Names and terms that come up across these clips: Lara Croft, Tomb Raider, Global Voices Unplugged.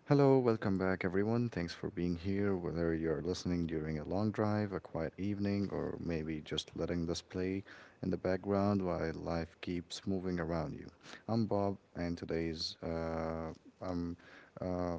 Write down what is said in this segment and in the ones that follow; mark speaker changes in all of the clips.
Speaker 1: Hello, welcome back, everyone. Thanks for being here, whether you're listening during a long drive, a quiet evening, or maybe just letting this play in the background while life keeps moving around you. I'm Bob, and today's I'm uh,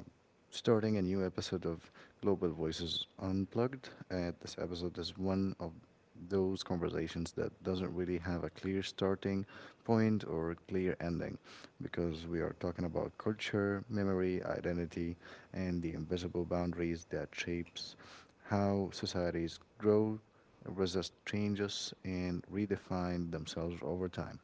Speaker 1: starting a new episode of Global Voices Unplugged. And this episode is one of those conversations that doesn't really have a clear starting point or clear ending because we are talking about culture, memory, identity, and the invisible boundaries that shapes how societies grow, resist changes, and redefine themselves over time.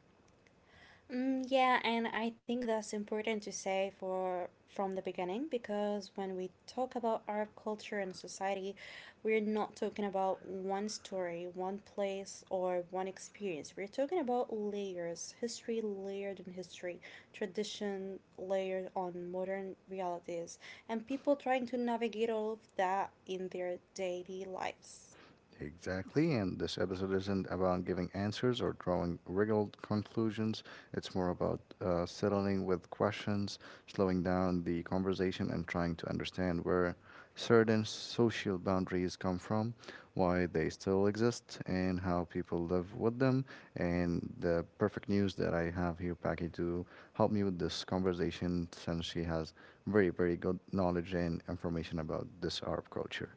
Speaker 2: Mm, yeah, and I think that's important to say for from the beginning because when we talk about our culture and society, we're not talking about one story, one place, or one experience. We're talking about layers, history layered in history, tradition layered on modern realities, and people trying to navigate all of that in their daily lives.
Speaker 1: Exactly, and this episode isn't about giving answers or drawing wriggled conclusions. It's more about settling with questions, slowing down the conversation, and trying to understand where certain social boundaries come from, why they still exist, and how people live with them. And the perfect news that I have here, Paki, to help me with this conversation, since she has very, very good knowledge and information about this Arab culture.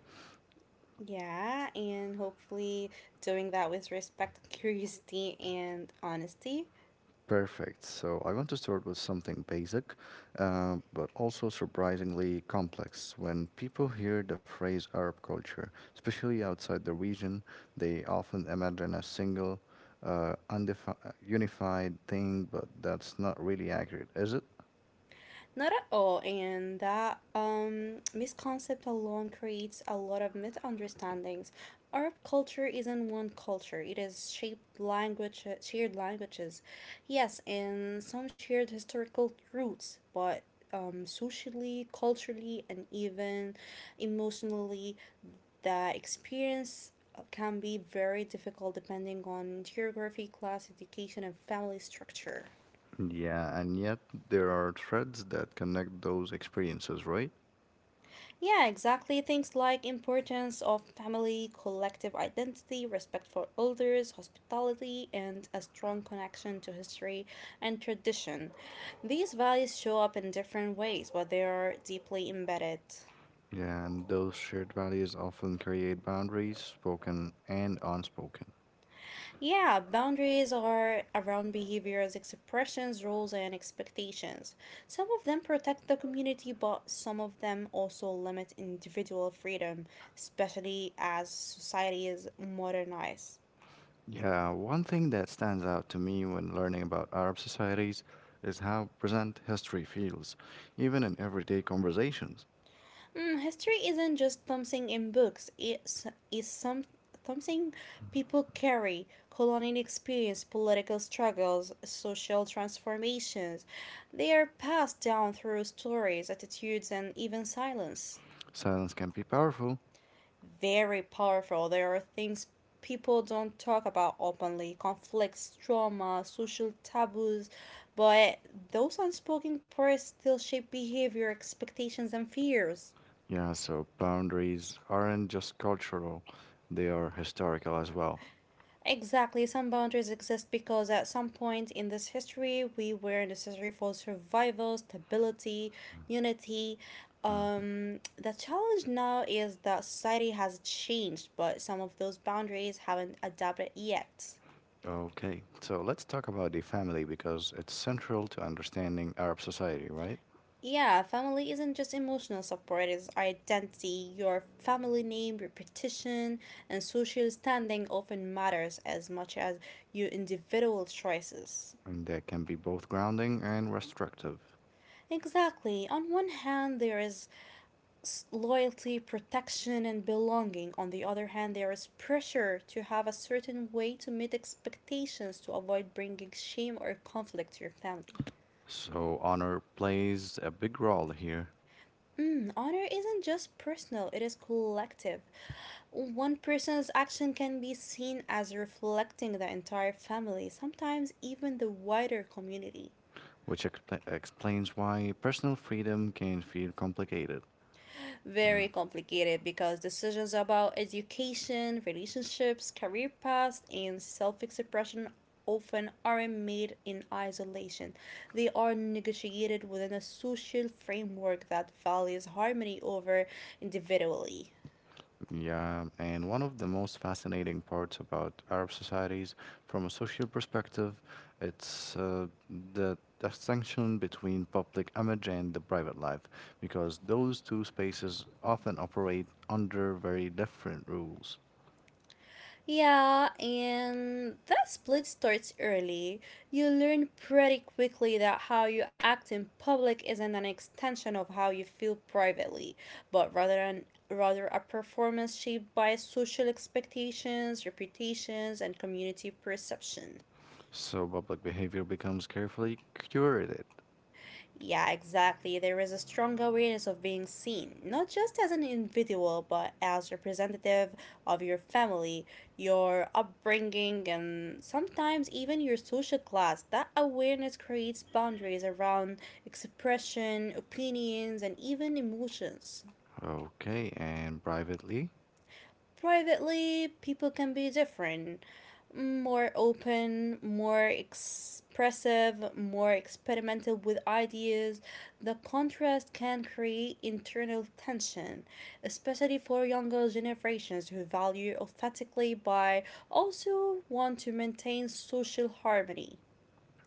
Speaker 2: Yeah, and hopefully doing that with respect, curiosity, and honesty.
Speaker 1: Perfect. So I want to start with something basic, but also surprisingly complex. When people hear the phrase Arab culture, especially outside the region, they often imagine a single, unified thing, but that's not really accurate, is it?
Speaker 2: Not at all, and that misconcept alone creates a lot of misunderstandings. Arab culture isn't one culture, it is shaped language, shared languages, yes, and some shared historical roots, but socially, culturally, and even emotionally, the experience can be very difficult depending on geography, class, education, and family structure.
Speaker 1: Yeah, and yet there are threads that connect those experiences, right?
Speaker 2: Yeah, exactly. Things like importance of family, collective identity, respect for elders, hospitality, and a strong connection to history and tradition. These values show up in different ways, but they are deeply embedded.
Speaker 1: Yeah, and those shared values often create boundaries, spoken and unspoken.
Speaker 2: Yeah, boundaries are around behaviors, expressions, roles, and expectations. Some of them protect the community, but some of them also limit individual freedom, especially as society is modernized.
Speaker 1: Yeah, one thing that stands out to me when learning about Arab societies is how present history feels, even in everyday conversations.
Speaker 2: Mm, history isn't just something in books, it's something people carry. Colonial experience, political struggles, social transformations. They are passed down through stories, attitudes, and even silence.
Speaker 1: Silence can be powerful.
Speaker 2: Very powerful. There are things people don't talk about openly. Conflicts, trauma, social taboos, but those unspoken parts still shape behavior, expectations, and fears.
Speaker 1: Yeah, so boundaries aren't just cultural, they are historical as well.
Speaker 2: Exactly, some boundaries exist because at some point in this history we were necessary for survival, stability, unity.
Speaker 1: Mhm.
Speaker 2: The challenge now is that society has changed, but some of those boundaries haven't adapted yet.
Speaker 1: Okay, so let's talk about the family because it's central to understanding Arab society, right?
Speaker 2: Yeah, family isn't just emotional support, it's identity. Your family name, repetition, and social standing often matters as much as your individual choices.
Speaker 1: And that can be both grounding and restrictive.
Speaker 2: Exactly. On one hand, there is loyalty, protection, and belonging. On the other hand, there is pressure to have a certain way to meet expectations to avoid bringing shame or conflict to your family.
Speaker 1: So honor plays a big role here.
Speaker 2: Mm, honor isn't just personal, it is collective. One person's action can be seen as reflecting the entire family, sometimes even the wider community.
Speaker 1: Which explains why personal freedom can feel complicated. Mm.
Speaker 2: Very complicated because decisions about education, relationships, career paths, and self expression often aren't made in isolation. They are negotiated within a social framework that values harmony over individually.
Speaker 1: Yeah, and one of the most fascinating parts about Arab societies from a social perspective, it's the distinction between public image and the private life, because those two spaces often operate under very different rules.
Speaker 2: Yeah, and that split starts early. You learn pretty quickly that how you act in public isn't an extension of how you feel privately, but rather a performance shaped by social expectations, reputations, and community perception.
Speaker 1: So public behavior becomes carefully curated.
Speaker 2: Yeah, exactly. There is a strong awareness of being seen, not just as an individual, but as representative of your family, your upbringing, and sometimes even your social class. That awareness creates boundaries around expression, opinions, and even emotions.
Speaker 1: Okay, and privately,
Speaker 2: Privately, people can be different, more open, more expressive, more experimental with ideas. The contrast can create internal tension, especially for younger generations who value authentically but also want to maintain social harmony.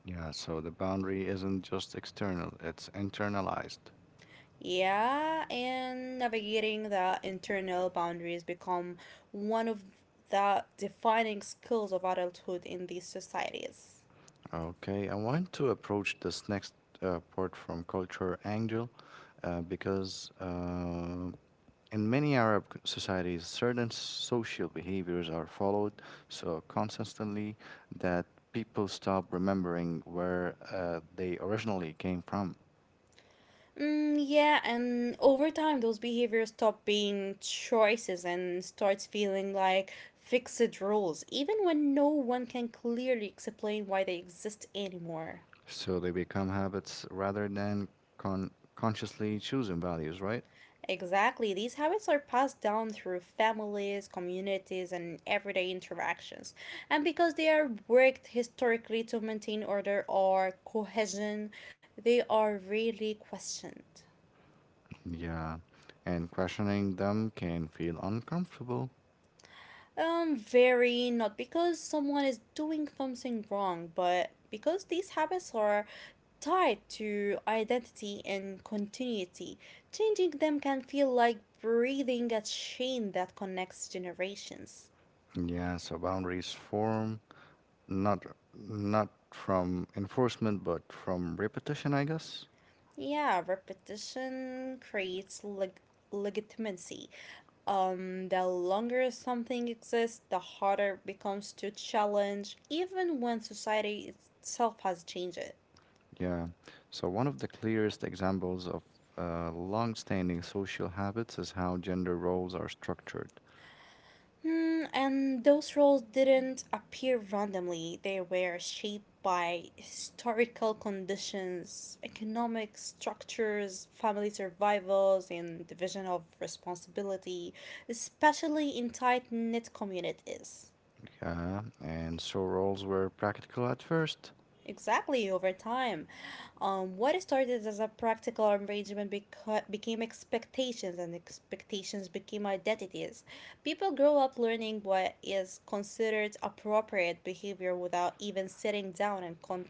Speaker 1: yeah, so the boundary isn't just external, it's internalized.
Speaker 2: Yeah, and navigating the internal boundaries become one of the defining skills of adulthood in these societies.
Speaker 1: Okay, I want to approach this next part from culture angle because in many Arab societies, certain social behaviors are followed so consistently that people stop remembering where they originally came from.
Speaker 2: Mm, yeah, and over time, those behaviors stop being choices and starts feeling like fixed rules, even when no one can clearly explain why they exist anymore.
Speaker 1: So they become habits rather than con- consciously choosing values, right?
Speaker 2: Exactly. These habits are passed down through families, communities, and everyday interactions. And because they are worked historically to maintain order or cohesion, they are really questioned.
Speaker 1: Yeah, and questioning them can feel uncomfortable.
Speaker 2: Very not because someone is doing something wrong, but because these habits are tied to identity and continuity. Changing them can feel like breathing a chain that connects generations.
Speaker 1: Yeah, so boundaries form not not from enforcement but from repetition, I guess.
Speaker 2: Yeah, repetition creates legitimacy. The longer something exists, the harder it becomes to challenge, even when society itself has changed it.
Speaker 1: Yeah. So one of the clearest examples of long-standing social habits is how gender roles are structured.
Speaker 2: Hmm, and those roles didn't appear randomly, they were shaped by historical conditions, economic structures, family survivals, and division of responsibility, especially in tight knit communities.
Speaker 1: Yeah, and so roles were practical at first.
Speaker 2: Exactly, over time. What started as a practical arrangement became expectations, and expectations became identities. People grow up learning what is considered appropriate behavior without even sitting down and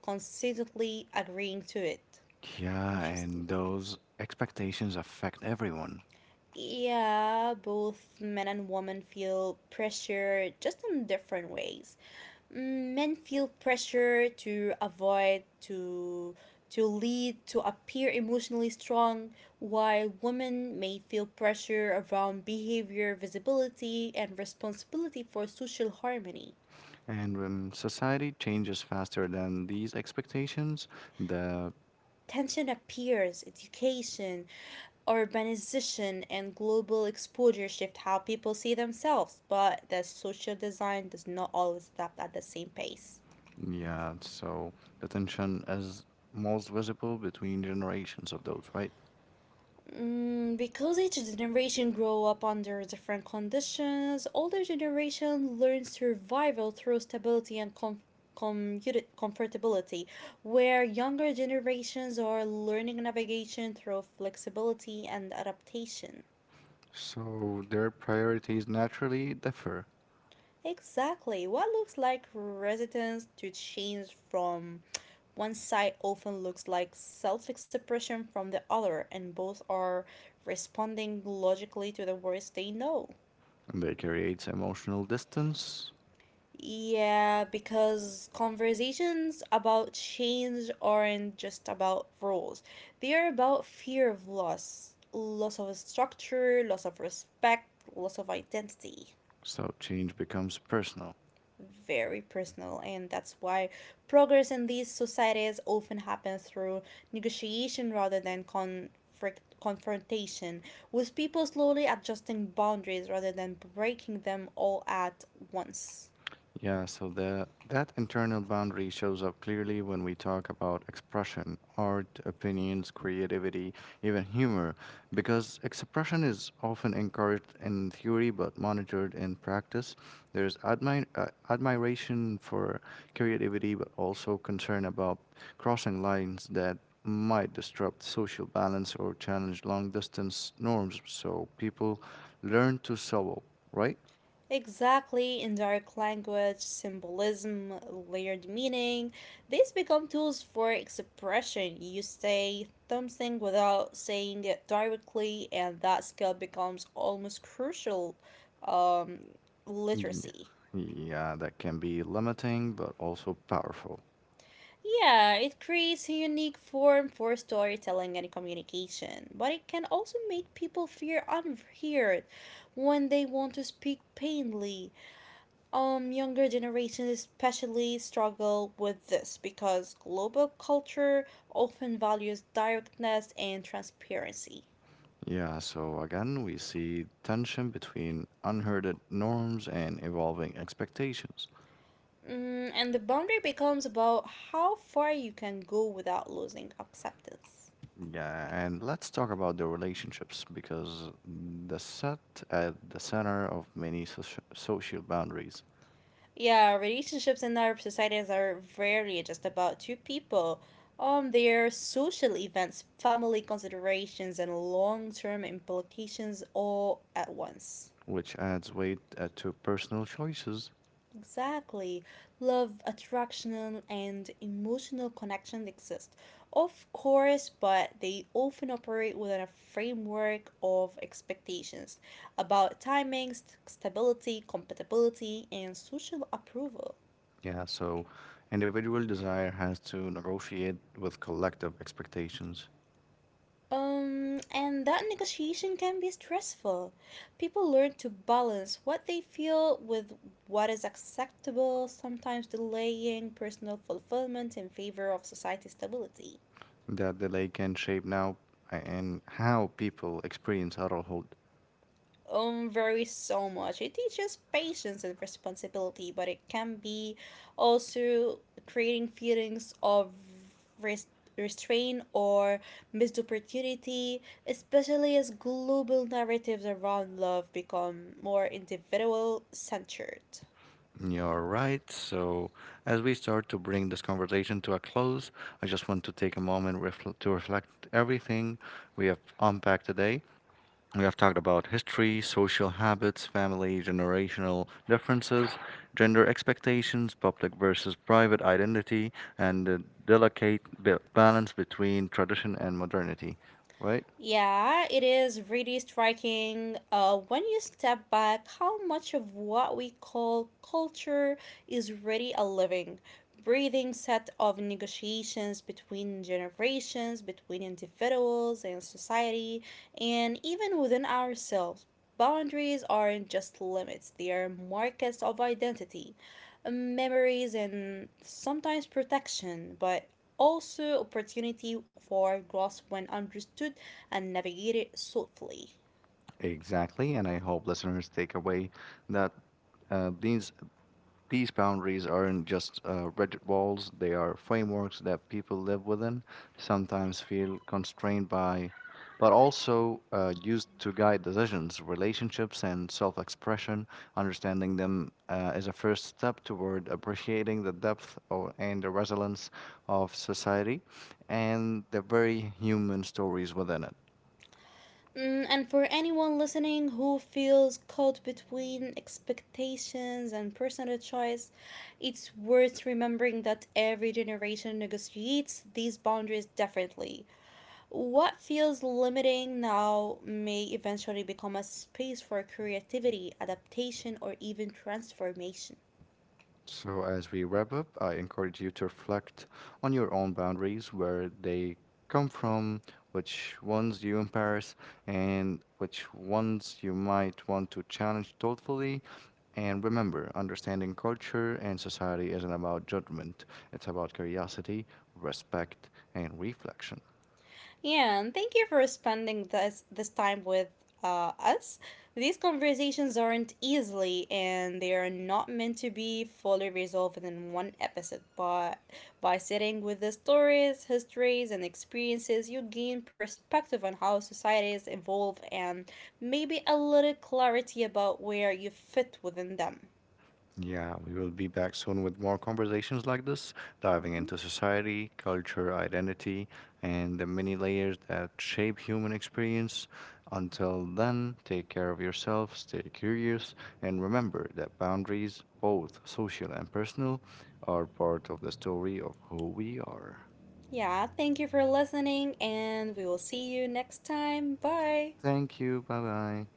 Speaker 2: consistently agreeing to it.
Speaker 1: Yeah,
Speaker 2: Consciously.
Speaker 1: and those expectations affect everyone.
Speaker 2: Yeah, both men and women feel pressure just in different ways. Mm, men feel pressure to avoid, to to lead, to appear emotionally strong, while women may feel pressure around behavior, visibility, and responsibility for social harmony.
Speaker 1: And when society changes faster than these expectations, the
Speaker 2: Tension appears, education, urbanization, and global exposure shift how people see themselves, but the social design does not always adapt at the same pace.
Speaker 1: yeah, so the tension is most visible between generations of those, right?
Speaker 2: Mm, because each generation grow up under different conditions, older generation learn survival through stability and comfortability, where younger generations are learning navigation through flexibility and adaptation.
Speaker 1: So their priorities naturally differ.
Speaker 2: Exactly. What looks like resistance to change from one side often looks like self expression from the other, and both are responding logically to the words they know.
Speaker 1: And they create emotional distance,
Speaker 2: Yeah, because conversations about change aren't just about rules, they are about fear of loss, loss of structure, loss of respect, loss of identity.
Speaker 1: so change becomes personal.
Speaker 2: Very personal and that's why progress in these societies often happens through negotiation rather than conflict confrontation with people slowly adjusting boundaries rather than breaking them all at once.
Speaker 1: Yeah, so that internal boundary shows up clearly when we talk about expression, art, opinions, creativity, even humor, because expression is often encouraged in theory but monitored in practice. There's admiration for creativity, but also concern about crossing lines that might disrupt social balance or challenge long distance norms. So people learn to solo, right?
Speaker 2: Exactly, in dark language, symbolism, layered meaning, these become tools for expression. You say something without saying it directly, and that skill becomes almost crucial um,
Speaker 1: Yeah,
Speaker 2: literacy.
Speaker 1: yeah, that can be limiting but also powerful.
Speaker 2: Yeah, it creates a unique form for storytelling and communication, but it can also make people feel unheard when they want to speak plainly. Younger generations especially struggle with this because global culture often values directness and transparency.
Speaker 1: Yeah, so again, we see tension between unheard norms and evolving expectations.
Speaker 2: Mm, and the boundary becomes about how far you can go without losing acceptance.
Speaker 1: Yeah, and let's talk about the relationships because the set at the center of many social boundaries,
Speaker 2: Yeah, relationships in Arab societies are rarely just about two people. Their social events, family considerations, and long term implications all at once.
Speaker 1: which adds weight to personal choices.
Speaker 2: Exactly. Love, attraction, and emotional connection exist, of course, but they often operate within a framework of expectations about timing, stability, compatibility, and social approval.
Speaker 1: Yeah, so individual desire has to negotiate with collective expectations.
Speaker 2: And that negotiation can be stressful. People learn to balance what they feel with what is acceptable, sometimes delaying personal fulfillment in favor of society stability.
Speaker 1: That the lake can shape now and how people experience adulthood.
Speaker 2: Varies so much. It teaches patience and responsibility, but it can be also creating feelings of res- restraint or missed opportunity, especially as global narratives around love become more individual centered.
Speaker 1: You're right. So, as we start to bring this conversation to a close, I just want to take a moment to reflect everything we have unpacked today. We have talked about history, social habits, family, generational differences, gender expectations, public versus private identity, and the delicate balance between tradition and modernity, right?
Speaker 2: Yeah, it is really striking when you step back how much of what we call culture is really a living, breathing set of negotiations between generations, between individuals and society, and even within ourselves. Boundaries aren't just limits, they are markers of identity, memories, and sometimes protection, but also opportunity for growth when understood and navigated thoughtfully.
Speaker 1: Exactly, and I hope listeners take away that uh, these these boundaries aren't just rigid walls; they are frameworks that people live within, sometimes feel constrained by, but also used to guide decisions, relationships, and self-expression. Understanding them is a first step toward appreciating the depth or, and the resilience of society, and the very human stories within it.
Speaker 2: Mm, and for anyone listening who feels caught between expectations and personal choice, it's worth remembering that every generation negotiates these boundaries differently. What feels limiting now may eventually become a space for creativity, adaptation, or even transformation.
Speaker 1: So, as we wrap up, I encourage you to reflect on your own boundaries, where they come from, which ones you embrace, and which ones you might want to challenge thoughtfully. And remember, understanding culture and society isn't about judgment, it's about curiosity, respect, and reflection.
Speaker 2: Yeah, and thank you for spending this time with us. These conversations aren't easily, and they are not meant to be fully resolved in one episode. But by sitting with the stories, histories, and experiences, you gain perspective on how societies evolve and maybe a little clarity about where you fit within them.
Speaker 1: Yeah, we will be back soon with more conversations like this, diving
Speaker 2: Mm-hmm.
Speaker 1: into society, culture, identity, and the many layers that shape human experience. Until then, take care of yourself, stay curious, and remember that boundaries, both social and personal, are part of the story of who we are.
Speaker 2: Yeah, thank you for listening, and we will see you next time. Bye.
Speaker 1: Thank you. Bye bye.